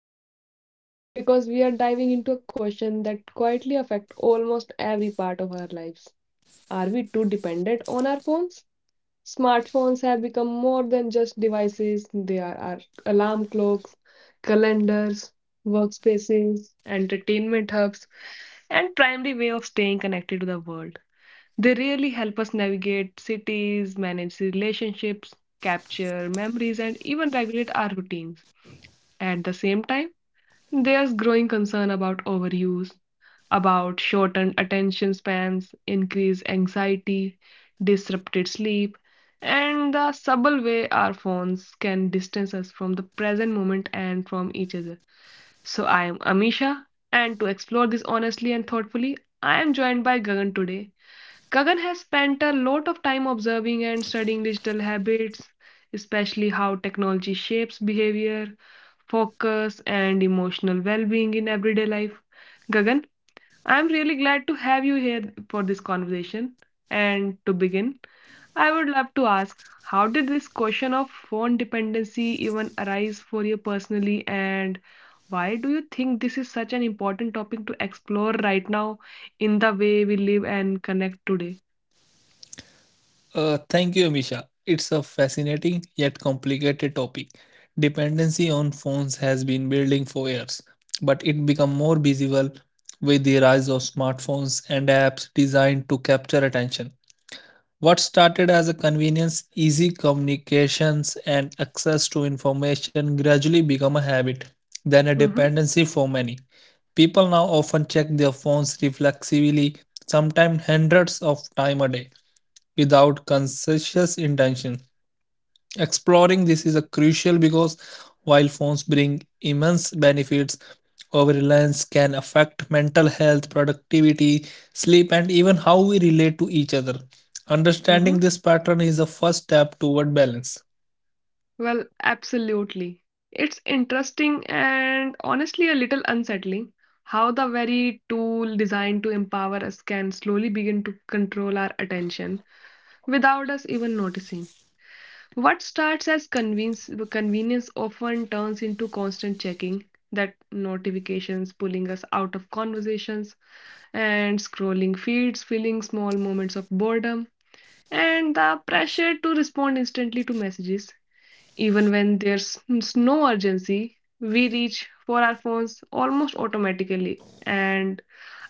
with us today because we are diving into a question that quietly affects almost every part of our lives. Are we too dependent on our phones? Smartphones have become more than just devices, they are our alarm clocks, calendars, workspaces, entertainment hubs, and primary way of staying connected to the world. They really help us navigate cities, manage relationships, capture memories, and even regulate our routines. At the same time, there's growing concern about overuse, about shortened attention spans, increased anxiety, disrupted sleep, and the subtle way our phones can distance us from the present moment and from each other. So, I am Amisha, and to explore this honestly and thoughtfully, I am joined by Gagan today. Kagan has spent a lot of time observing and studying digital habits, especially how technology shapes behavior, focus, and emotional well being in everyday life. Gagan, I'm really glad to have you here for this conversation. And to begin, I would love to ask, how did this question of phone dependency even arise for you personally, and why do you think this is such an important topic to explore right now in the way we live and connect today? Thank you, Amisha. It's a fascinating yet complicated topic. Dependency on phones has been building for years, but it became more visible with the rise of smartphones and apps designed to capture attention. What started as a convenience, easy communications, and access to information gradually became a habit, then a Mhm. dependency for many. People now often check their phones reflexively, sometimes hundreds of times a day without conscious intention. Exploring this is a crucial because while phones bring immense benefits, overreliance can affect mental health, productivity, sleep, and even how we relate to each other. Mhm. Understanding this pattern is the first step toward balance. Well, absolutely. It's interesting and honestly a little unsettling how the very tool designed to empower us can slowly begin to control our attention without us even noticing. What starts as convenience often turns into constant checking, that notifications pulling us out of conversations and scrolling feeds, filling small moments of boredom. And the pressure to respond instantly to messages, even when there's no urgency, we reach for our phones almost automatically. And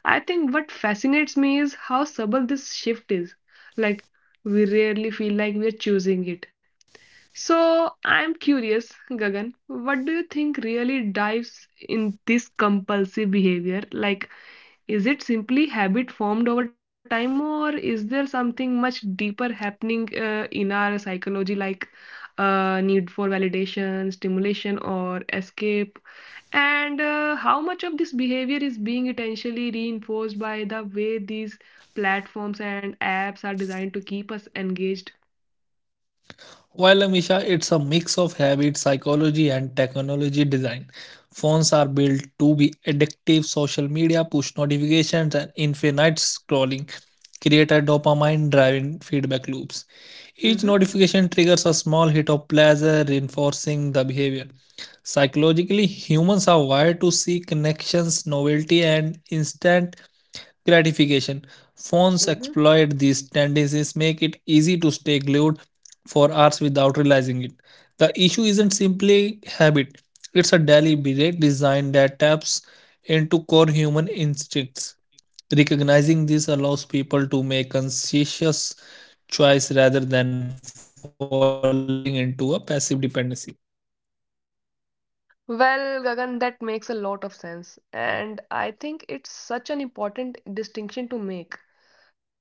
I think what fascinates me is how subtle this shift is. Like, we rarely feel like we're choosing it. So, I'm curious, Gagan, what do you think really dives in this compulsive behavior? Like, is it simply habit formed over time, or is there something much deeper happening in our psychology, like need for validation, stimulation, or escape? And how much of this behavior is being intentionally reinforced by the way these platforms and apps are designed to keep us engaged? While Amisha, it's a mix of habit, psychology, and technology design. Phones are built to be addictive, social media, push notifications, and infinite scrolling create a dopamine driven feedback loops. Each Mhm. notification triggers a small hit of pleasure, reinforcing the behavior. Psychologically, humans are wired to seek connections, novelty, and instant gratification. Phones Mhm. exploit these tendencies, make it easy to stay glued for hours without realizing it. The issue isn't simply habit, it's a deliberate design that taps into core human instincts. Recognizing this allows people to make conscious choice rather than falling into a passive dependency. Well, Gagan, that makes a lot of sense. And I think it's such an important distinction to make,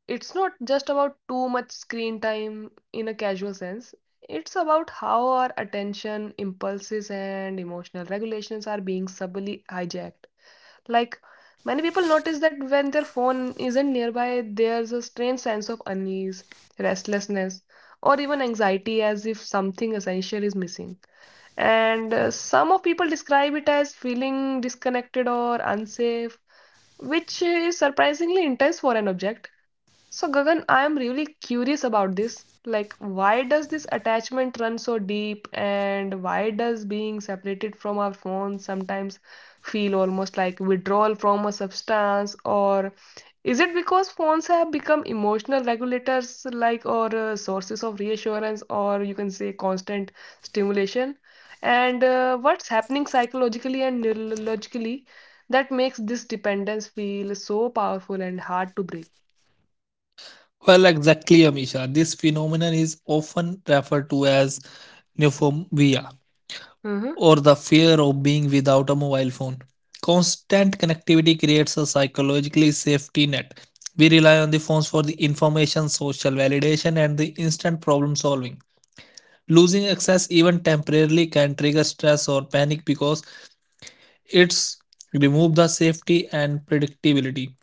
it's not just about too much screen time in a casual sense. It's about how our attention, impulses, and emotional regulations are being subtly hijacked. Like, many people notice that when their phone isn't nearby, there's a strange sense of unease, restlessness, or even anxiety as if something essential is missing. And some of people describe it as feeling disconnected or unsafe, which is surprisingly intense for an object. So, Gagan, I am really curious about this. Like, why does this attachment run so deep, and why does being separated from our phones sometimes feel almost like withdrawal from a substance? Or is it because phones have become emotional regulators, like, or sources of reassurance, or you can say constant stimulation? And what's happening psychologically and neurologically that makes this dependence feel so powerful and hard to break? Well, exactly, Amisha. This phenomenon is often referred to as neophobia Mm-hmm. or the fear of being without a mobile phone. Constant connectivity creates a psychologically safety net. We rely on the phones for the information, social validation, and the instant problem solving. Losing access even temporarily can trigger stress or panic because it's removed the safety and predictability.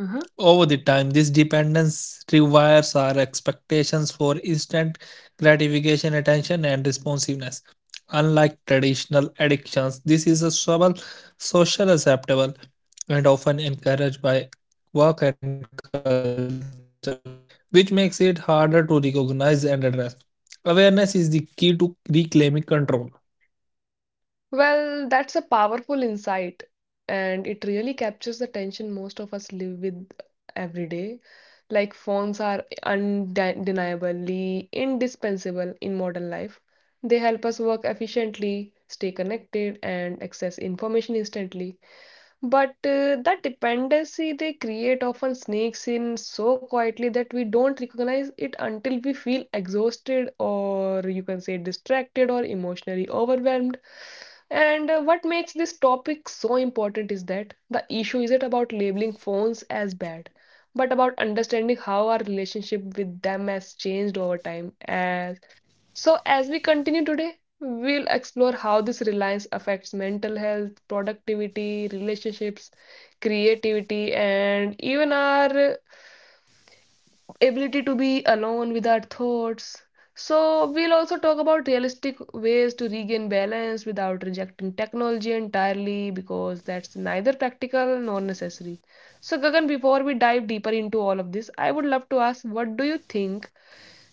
Uh-huh. Over the time, this dependence rewires our expectations for instant gratification, attention, and responsiveness. Unlike traditional addictions, this is a subtle, social acceptable, and often encouraged by work and culture, which makes it harder to recognize and address. Awareness is the key to reclaiming control. Well, that's a powerful insight, and it really captures the tension most of us live with every day. Like phones are undeniably indispensable in modern life. They help us work efficiently, stay connected, and access information instantly. But that dependency they create often sneaks in so quietly that we don't recognize it until we feel exhausted, or you can say distracted, or emotionally overwhelmed. And what makes this topic so important is that the issue isn't about labeling phones as bad, but about understanding how our relationship with them has changed over time. As so, as we continue today, we'll explore how this reliance affects mental health, productivity, relationships, creativity, and even our ability to be alone with our thoughts. So, we'll also talk about realistic ways to regain balance without rejecting technology entirely because that's neither practical nor necessary. So, Gagan, before we dive deeper into all of this, I would love to ask, what do you think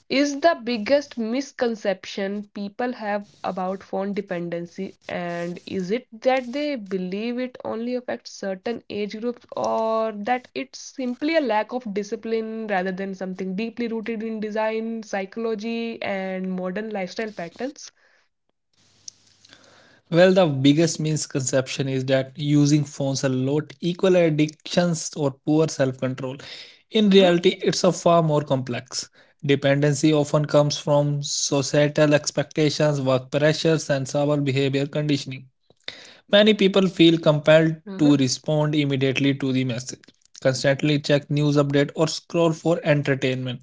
is the biggest misconception people have about phone dependency, and is it that they believe it only affects certain age groups, or that it's simply a lack of discipline rather than something deeply rooted in design psychology and modern lifestyle patterns? Well, the biggest misconception is that using phones a lot equal addictions or poor self-control. In reality, Mm-hmm. it's a far more complex. Dependency often comes from societal expectations, work pressures, and our behavior conditioning. Many people Mm-hmm. feel compelled to respond immediately to the message, constantly check news update, or scroll for entertainment.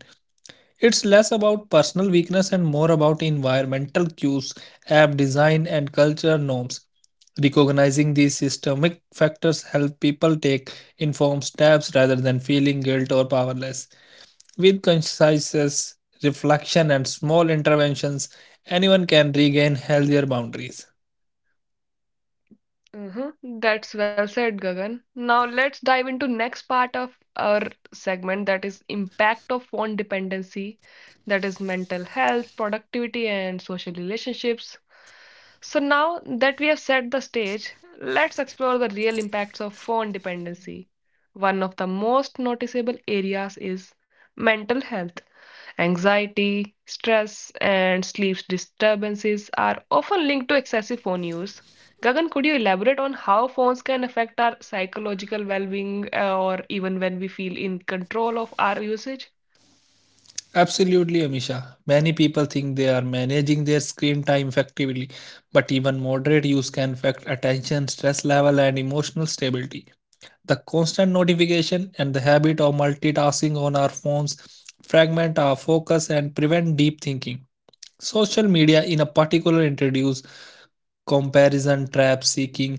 It's less about personal weakness and more about environmental cues, app design, and culture norms. Recognizing these systemic factors help people take informed steps rather than feeling guilt or powerless. With conscientious reflection and small interventions, anyone can regain healthier boundaries. Uh-huh. That's well said, Gagan. Now let's dive into next part of our segment, that is impact of phone dependency, that is mental health, productivity, and social relationships. So now that we have set the stage, let's explore the real impacts of phone dependency. One of the most noticeable areas is mental health. Anxiety, stress, and sleep disturbances are often linked to excessive phone use. Gagan, could you elaborate on how phones can affect our psychological well being or even when we feel in control of our usage? Absolutely, Amisha. Many people think they are managing their screen time effectively, but even moderate use can affect attention, stress level, and emotional stability. The constant notification and the habit of multitasking on our phones fragment our focus and prevent deep thinking. Social media, in a particular, introduce comparison trap seeking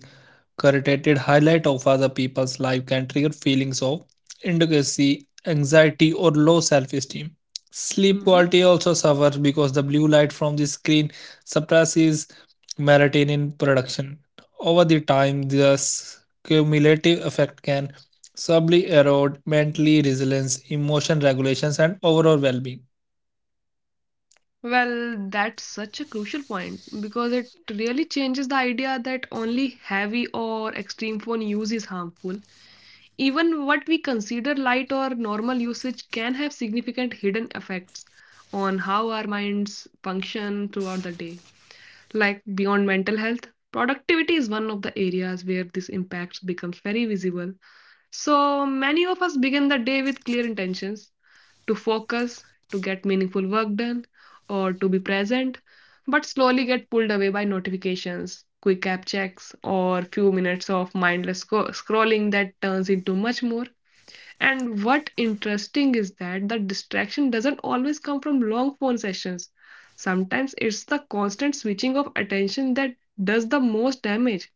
curated highlight of other people's life can trigger feelings of inadequacy, anxiety, or low self-esteem. Sleep Hmm. quality also suffers because the blue light from the screen suppresses melatonin production. Over the time, this cumulative effect can subtly erode mentally resilience, emotion regulations, and overall well-being. Well, that's such a crucial point because it really changes the idea that only heavy or extreme phone use is harmful. Even what we consider light or normal usage can have significant hidden effects on how our minds function throughout the day. Like beyond mental health, productivity is one of the areas where this impact becomes very visible. So many of us begin the day with clear intentions to focus, to get meaningful work done, or to be present, but slowly get pulled away by notifications, quick app checks, or few minutes of mindless scrolling that turns into much more. And what interesting is that the distraction doesn't always come from long phone sessions. Sometimes it's the constant switching of attention that does the most damage.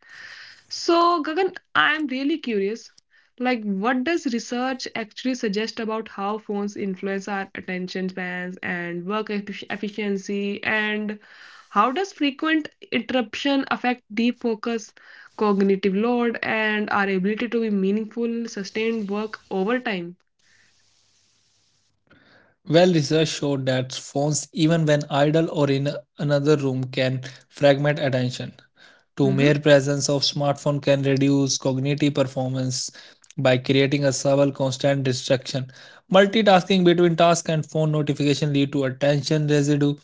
So, Gagan, I am really curious. Like, what does research actually suggest about how phones influence our attention spans and work efficiency? And how does frequent interruption affect deep focus, cognitive load, and our ability to be meaningful, sustained work over time? Well, research showed that phones, even when idle or in another room, can fragment attention. To Mm-hmm. mere presence of smartphone can reduce cognitive performance by creating a subtle constant distraction. Multitasking between task and phone notification lead to attention residue,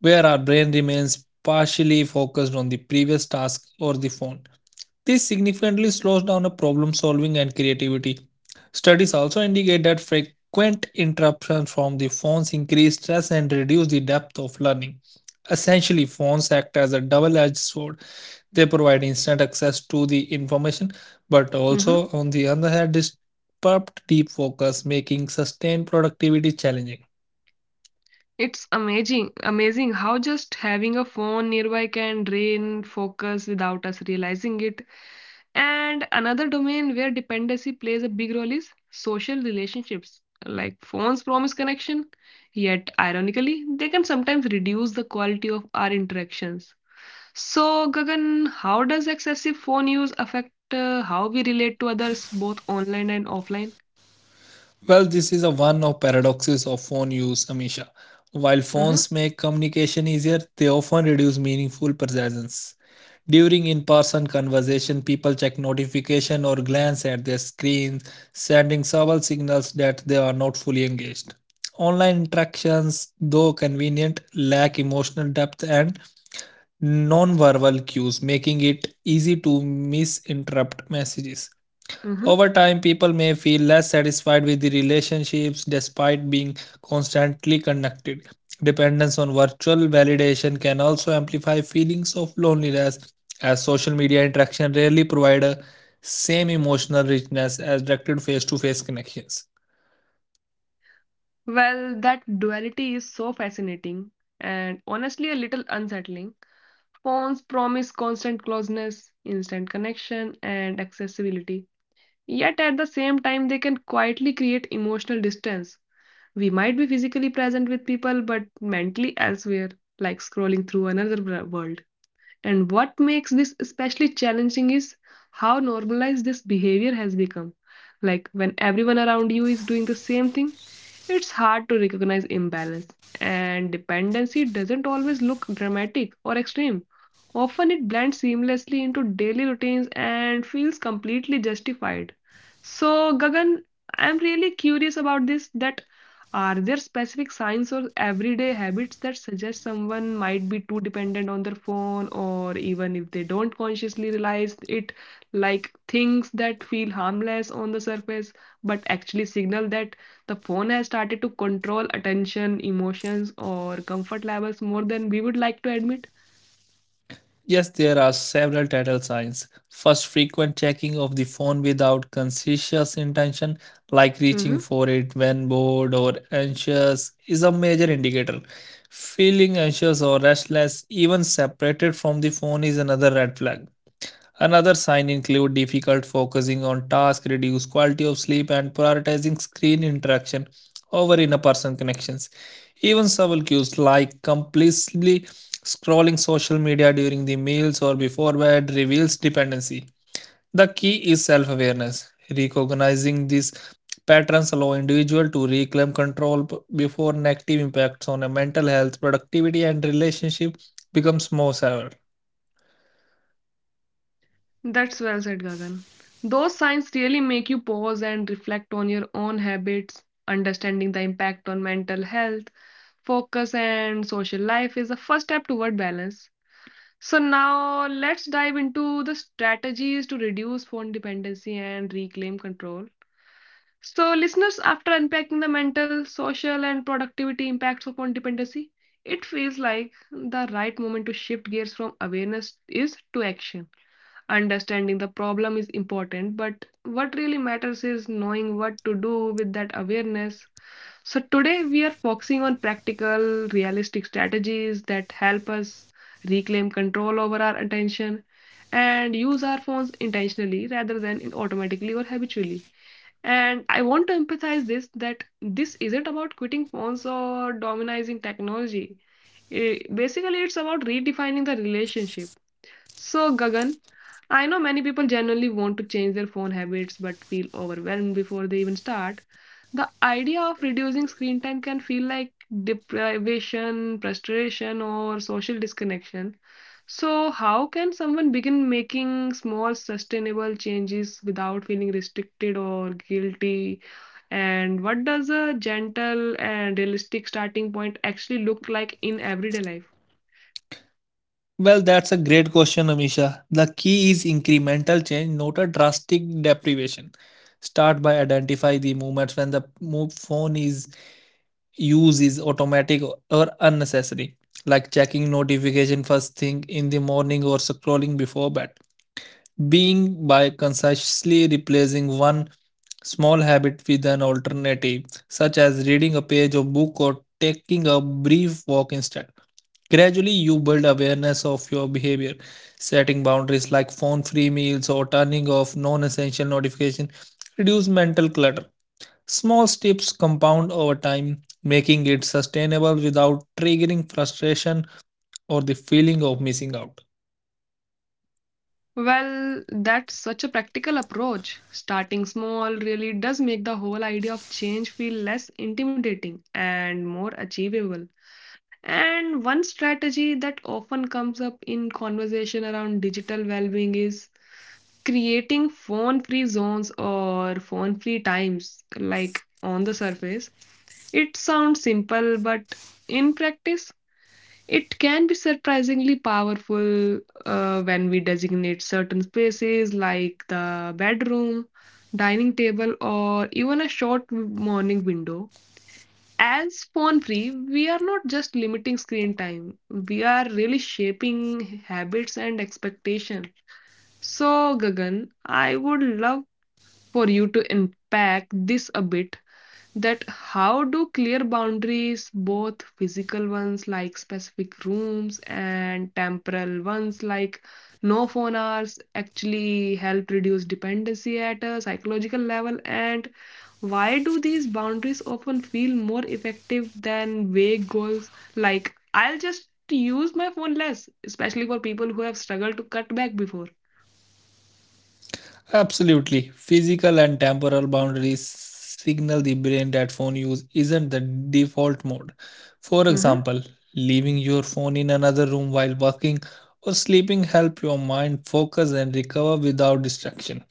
where our brain remains partially focused on the previous task or the phone. This significantly slows down problem solving and creativity. Studies also indicate that frequent interruptions from the phones increase stress and reduce the depth of learning. Essentially, phones act as a double edged sword. They provide instant access to the information, but Mm-hmm. also, on the other hand, disrupt deep focus, making sustained productivity challenging. It's amazing how just having a phone nearby can drain focus without us realizing it. And another domain where dependency plays a big role is social relationships. Like phones promise connection, yet ironically, they can sometimes reduce the quality of our interactions. So, Gagan, how does excessive phone use affect how we relate to others, both online and offline? Well, this is a one of paradoxes of phone use, Amisha. While Mm-hmm. phones make communication easier, they often reduce meaningful presence. During in-person conversation, people check notification or glance at their screens, sending subtle signals that they are not fully engaged. Online interactions, though convenient, lack emotional depth and non-verbal cues, making it easy to misinterpret messages. Mm-hmm. Over time, people may feel less satisfied with the relationships despite being constantly connected. Dependence on virtual validation can also amplify feelings of loneliness, as social media interaction rarely provide a same emotional richness as directed face-to-face connections. Well, that duality is so fascinating and honestly a little unsettling. Phones promise constant closeness, instant connection, and accessibility. Yet at the same time, they can quietly create emotional distance. We might be physically present with people, but mentally elsewhere, like scrolling through another world. And what makes this especially challenging is how normalized this behavior has become. Like when everyone around you is doing the same thing, it's hard to recognize imbalance. And dependency doesn't always look dramatic or extreme. Often it blends seamlessly into daily routines and feels completely justified. So, Gagan, I'm really curious about this, that are there specific signs or everyday habits that suggest someone might be too dependent on their phone, or even if they don't consciously realize it, like things that feel harmless on the surface but actually signal that the phone has started to control attention, emotions, or comfort levels more than we would like to admit? Yes, there are several telltale signs. First, frequent checking of the phone without conscious intention, like reaching Mhm. for it when bored or anxious, is a major indicator. Feeling anxious or restless, even separated from the phone, is another red flag. Another sign include difficult focusing on tasks, reduced quality of sleep, and prioritizing screen interaction over in-person connections. Even subtle cues like compulsively scrolling social media during the meals or before bed reveals dependency. The key is self-awareness. Recognizing these patterns allow individual to reclaim control before negative impacts on a mental health, productivity, and relationship becomes more severe. That's well said, Gagan. Those signs really make you pause and reflect on your own habits. Understanding the impact on mental health, focus, and social life is the first step toward balance. So, now let's dive into the strategies to reduce phone dependency and reclaim control. So, listeners, after unpacking the mental, social, and productivity impacts of phone dependency, it feels like the right moment to shift gears from awareness is to action. Understanding the problem is important, but what really matters is knowing what to do with that awareness. So today we are focusing on practical realistic strategies that help us reclaim control over our attention and use our phones intentionally rather than automatically or habitually. And I want to emphasize this, that this isn't about quitting phones or dominating technology. Basically it's about redefining the relationship. So, Gagan, I know many people genuinely want to change their phone habits but feel overwhelmed before they even start. The idea of reducing screen time can feel like deprivation, frustration, or social disconnection. So, how can someone begin making small, sustainable changes without feeling restricted or guilty? And what does a gentle and realistic starting point actually look like in everyday life? Well, that's a great question, Amisha. The key is incremental change, not a drastic deprivation. Start by identify the moments when the phone is use is automatic or unnecessary, like checking notification first thing in the morning or scrolling before bed being by consciously replacing one small habit with an alternative, such as reading a page of book or taking a brief walk instead. Gradually, you build awareness of your behavior, setting boundaries like phone free meals or turning off non essential notifications, reduce mental clutter. Small steps compound over time, making it sustainable without triggering frustration or the feeling of missing out. Well, that's such a practical approach. Starting small really does make the whole idea of change feel less intimidating and more achievable. And one strategy that often comes up in conversation around digital well-being is creating phone-free zones or phone-free times, like on the surface. It sounds simple, but in practice, it can be surprisingly powerful when we designate certain spaces like the bedroom, dining table, or even a short morning window. As phone free, we are not just limiting screen time, we are really shaping habits and expectation. So, Gagan, I would love for you to unpack this a bit, that how do clear boundaries, both physical ones like specific rooms and temporal ones like no phone hours, actually help reduce dependency at a psychological level? And why do these boundaries often feel more effective than vague goals like I'll just use my phone less, especially for people who have struggled to cut back before? Absolutely. Physical and temporal boundaries signal the brain that phone use isn't the default mode. For Mm-hmm, example, leaving your phone in another room while working or sleeping help your mind focus and recover without distraction.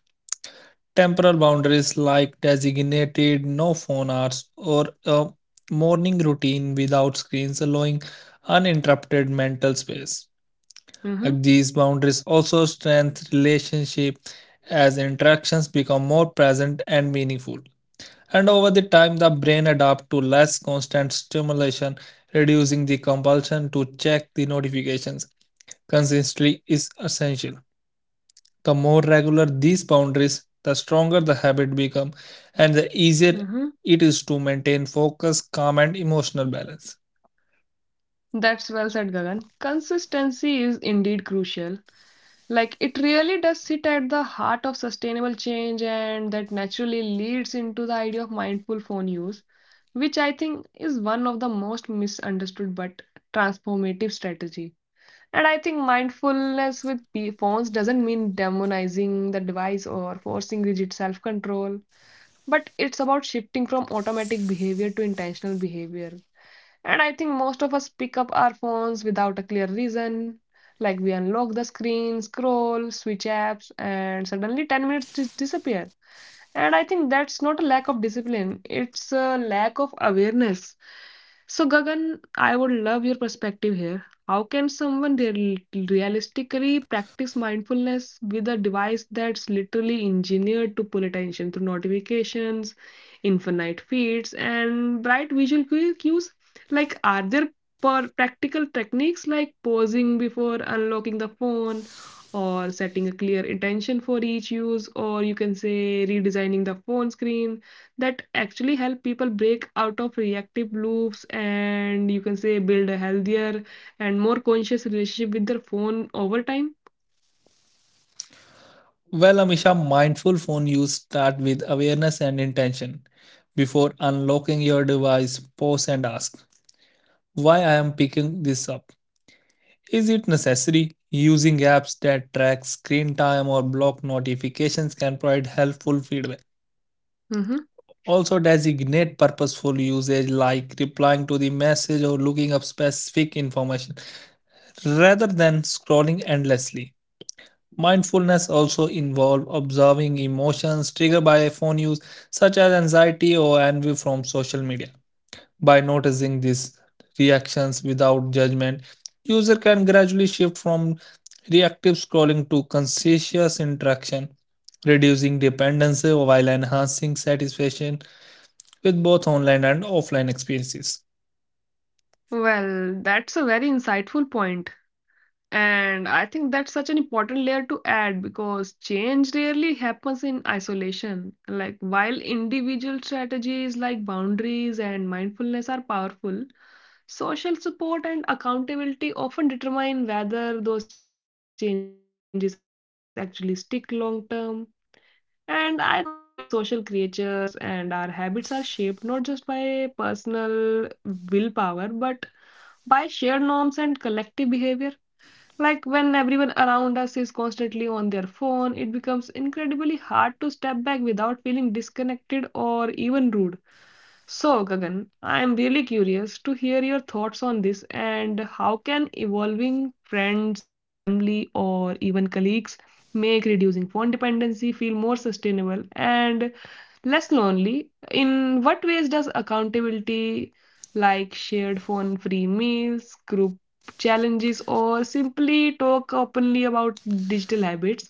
Temporal boundaries like designated no phone hours or a morning routine without screens allowing uninterrupted mental space. mm-hmm, Hug These boundaries also strengthen relationship as interactions become more present and meaningful. And over the time, the brain adapts to less constant stimulation, reducing the compulsion to check the notifications. Consistency is essential. The more regular these boundaries, the stronger the habit becomes, and the easier mm-hmm. it is to maintain focus, calm, and emotional balance. That's well said, Gagan. Consistency is indeed crucial. Like, it really does sit at the heart of sustainable change, and that naturally leads into the idea of mindful phone use, which I think is one of the most misunderstood but transformative strategy. And I think mindfulness with phones doesn't mean demonizing the device or forcing rigid self control, but it's about shifting from automatic behavior to intentional behavior. And I think most of us pick up our phones without a clear reason. Like, we unlock the screen, scroll, switch apps, and suddenly 10 minutes disappear. And I think that's not a lack of discipline, it's a lack of awareness. So, Gagan, I would love your perspective here. How can someone realistically practice mindfulness with a device that's literally engineered to pull attention through notifications, infinite feeds, and bright visual cues? Like, are there per practical techniques like pausing before unlocking the phone, or setting a clear intention for each use, or you can say redesigning the phone screen, that actually help people break out of reactive loops and you can say build a healthier and more conscious relationship with their phone over time? Well, Amisha, mindful phone use start with awareness and intention. Before unlocking your device, pause and ask, why I am picking this up? Is it necessary? Using apps that track screen time or block notifications can provide helpful feedback. Hmm. Also, designate purposeful usage like replying to the message or looking up specific information rather than scrolling endlessly. Mindfulness also involves observing emotions triggered by phone use, such as anxiety or envy from social media. By noticing these reactions without judgment, user can gradually shift from reactive scrolling to conscious interaction, reducing dependency while enhancing satisfaction with both online and offline experiences. Well, that's a very insightful point. And I think that's such an important layer to add, because change rarely happens in isolation. Like, while individual strategies like boundaries and mindfulness are powerful, social support and accountability often determine whether those changes actually stick long term. And I think humans are deeply social creatures, and our habits are shaped not just by personal willpower but by shared norms and collective behavior. Like, when everyone around us is constantly on their phone, it becomes incredibly hard to step back without feeling disconnected or even rude. So, Gagan, I am really curious to hear your thoughts on this, and how can evolving friends, family, or even colleagues make reducing phone dependency feel more sustainable and less lonely? In what ways does accountability, like shared phone free meals, group challenges, or simply talk openly about digital habits,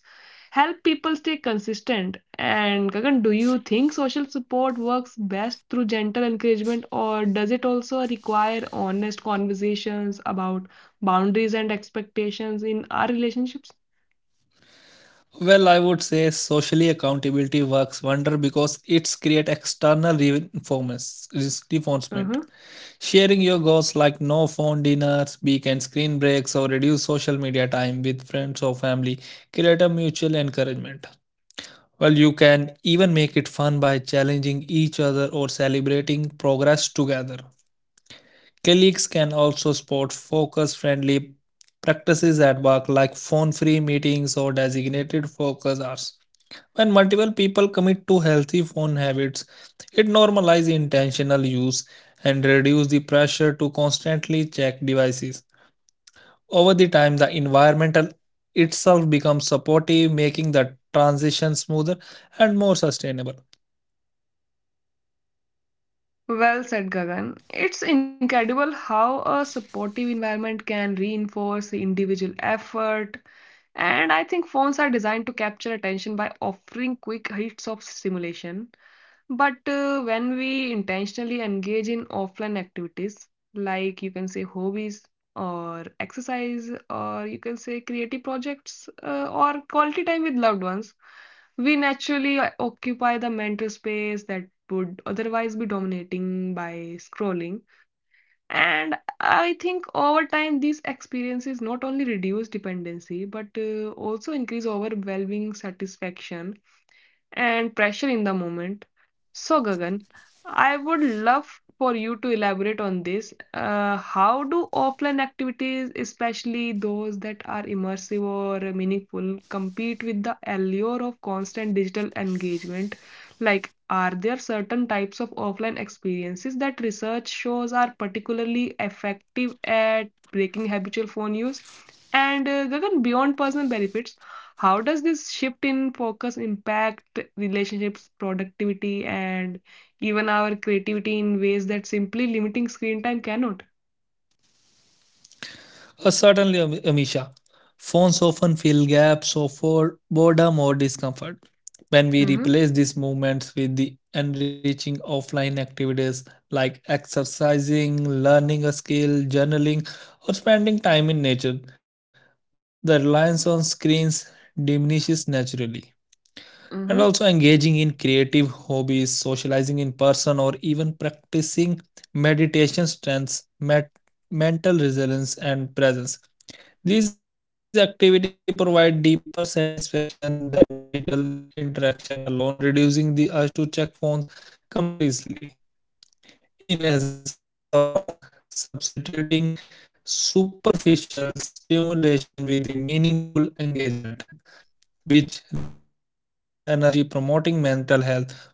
help people stay consistent? And Gagan, do you think social support works best through gentle encouragement, or does it also require honest conversations about boundaries and expectations in our relationships? Well, I would say socially accountability works wonder because it's create external Uh reinforcement. huh. Sharing your goals like no phone dinners, weekend screen breaks, or reduce social media time with friends or family create a mutual encouragement. Well, you can even make it fun by challenging each other or celebrating progress together. Colleagues can also support focus friendly practices at work like phone free meetings or designated focus hours. When multiple people commit to healthy phone habits, it normalizes intentional use and reduces the pressure to constantly check devices. Over the time, the environmental itself becomes supportive, making the transition smoother and more sustainable. Well said, Gagan. It's incredible how a supportive environment can reinforce the individual effort. And I think phones are designed to capture attention by offering quick hits of stimulation. But when we intentionally engage in offline activities, like you can say hobbies or exercise, or you can say creative projects, or quality time with loved ones, we naturally occupy the mental space that would otherwise be dominating by scrolling. And I think over time, these experiences not only reduce dependency but also increase overwhelming satisfaction and pressure in the moment. So, Gagan, I would love for you to elaborate on this. How do offline activities, especially those that are immersive or meaningful, compete with the allure of constant digital engagement? Like, are there certain types of offline experiences that research shows are particularly effective at breaking habitual phone use? And Gagan, beyond personal benefits, how does this shift in focus impact relationships, productivity, and even our creativity in ways that simply limiting screen time cannot? Certainly, Amisha. Phones often fill gaps of our boredom or discomfort. When we replace these Mm-hmm. movements with the enriching offline activities like exercising, learning a skill, journaling, or spending time in nature, the reliance on screens diminishes naturally. And also, engaging in Mm-hmm. creative hobbies, socializing in person, or even practicing meditation strengthens mental resilience and presence. These activity provide deeper satisfaction than digital interaction alone, reducing the urge to check phones completely. In essence, it's about substituting superficial stimulation with the meaningful engagement, which rebalances attention and energy, promoting mental health, focusing and genuine human connection.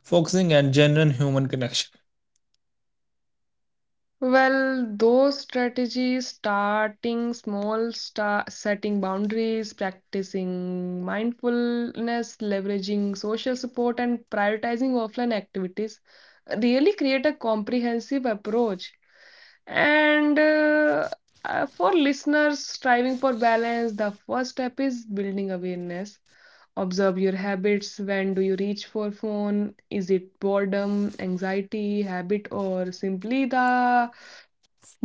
Well, those strategies, starting small, start setting boundaries, practicing mindfulness, leveraging social support, and prioritizing offline activities, really create a comprehensive approach. And For listeners striving for balance, the first step is building awareness. Observe your habits. When do you reach for phone? Is it boredom, anxiety, habit, or simply the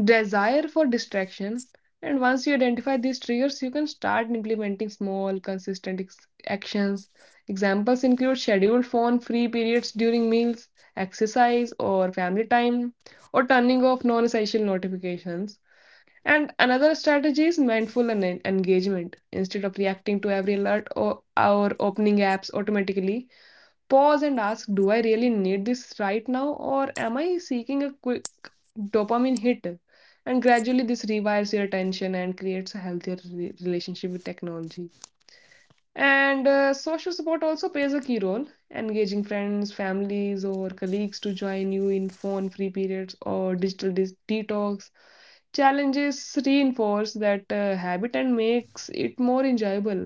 desire for distraction? And once you identify these triggers, you can start implementing small, consistent actions. Examples include scheduled phone free periods during meals, exercise, or family time, or turning off non essential notifications. And another strategy is mindful engagement. Instead of reacting to every alert, or opening apps automatically, pause and ask, do I really need this right now, or am I seeking a dopamine hit? And gradually this rewires your attention and creates a healthier relationship with technology. And social support also plays a key role, engaging friends, families, or colleagues to join you in phone free periods or digital detox challenges reinforce that habit and makes it more enjoyable.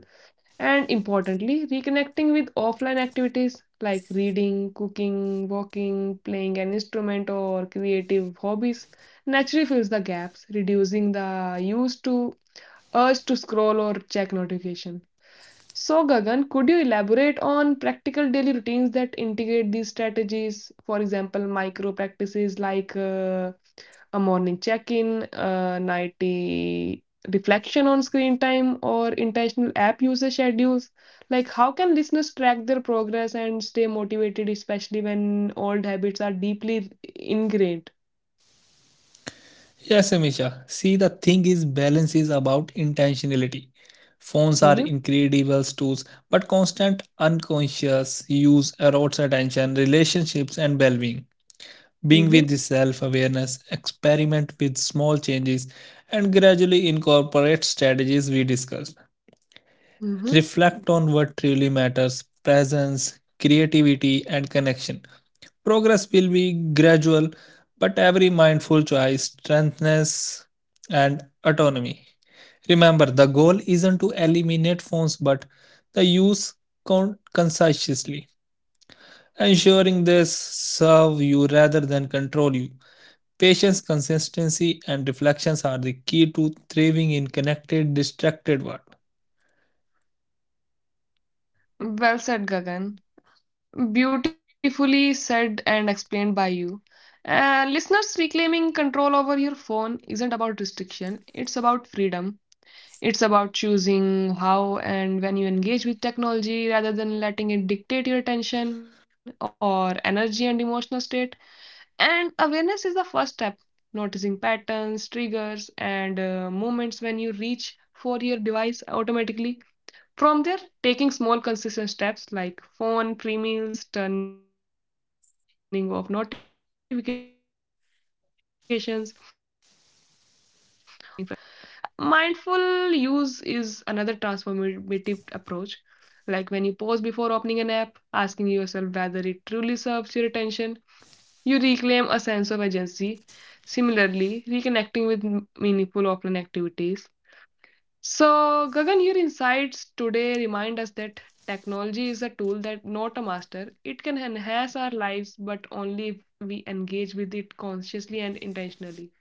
And importantly, reconnecting with offline activities like reading, cooking, walking, playing an instrument, or creative hobbies naturally fills the gaps, reducing the used to urge to scroll or check notification. So, Gagan, could you elaborate on practical daily routines that integrate these strategies? For example, micro practices like a morning check-in, a nighty reflection on screen time, or intentional app usage schedules? Like, how can listeners track their progress and stay motivated, especially when old habits are deeply ingrained? Yes, Amisha. See, the thing is, balance is about intentionality. Phones are Mm-hmm, incredible tools, but constant unconscious use erodes attention, relationships, and well being. Being with mm-hmm, the self awareness, experiment with small changes, and gradually incorporate strategies we discussed. mm-hmm. Reflect on what truly matters presence, creativity, and connection. Progress will be gradual, but every mindful choice strengthens and autonomy. Remember, the goal isn't to eliminate phones but the use consciously, ensuring they serve you rather than control you. Patience, consistency, and reflections are the key to thriving in connected, distracted world. Well said, Gagan. Beautifully said and explained by you. Listeners, reclaiming control over your phone isn't about restriction, it's about freedom. It's about choosing how and when you engage with technology rather than letting it dictate your attention or energy and emotional state. And awareness is the first step, noticing patterns, triggers, and moments when you reach for your device automatically. From there, taking small consistent steps like phone free meals, turning off notifications, or scheduling focused work periods can gradually shift habits without creating frustration or guilt. And mindful use is another transformative approach. Like, when you pause before opening an app, asking yourself whether it truly serves your attention, you reclaim a sense of agency. Similarly, reconnecting with meaningful offline activities. So, Gagan, your insights today remind us that technology is a tool that not a master. It can enhance our lives, but only if we engage with it consciously and intentionally.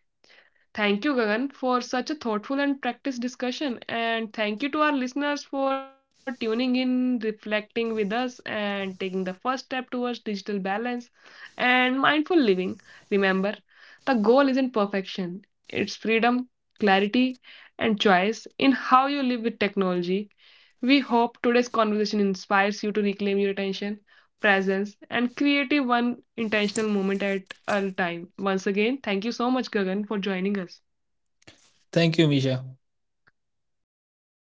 Thank you, Gagan, for such a thoughtful and practiced discussion. And thank you to our listeners for tuning in, reflecting with us, and taking the first step towards digital balance and mindful living. Remember, the goal isn't perfection, it's freedom, clarity, and choice in how you live with technology. We hope today's conversation inspires you to reclaim your attention, presence, and creative one intentional moment at a time. Once again, thank you so much, Gagan, for joining us. Thank you, Misha.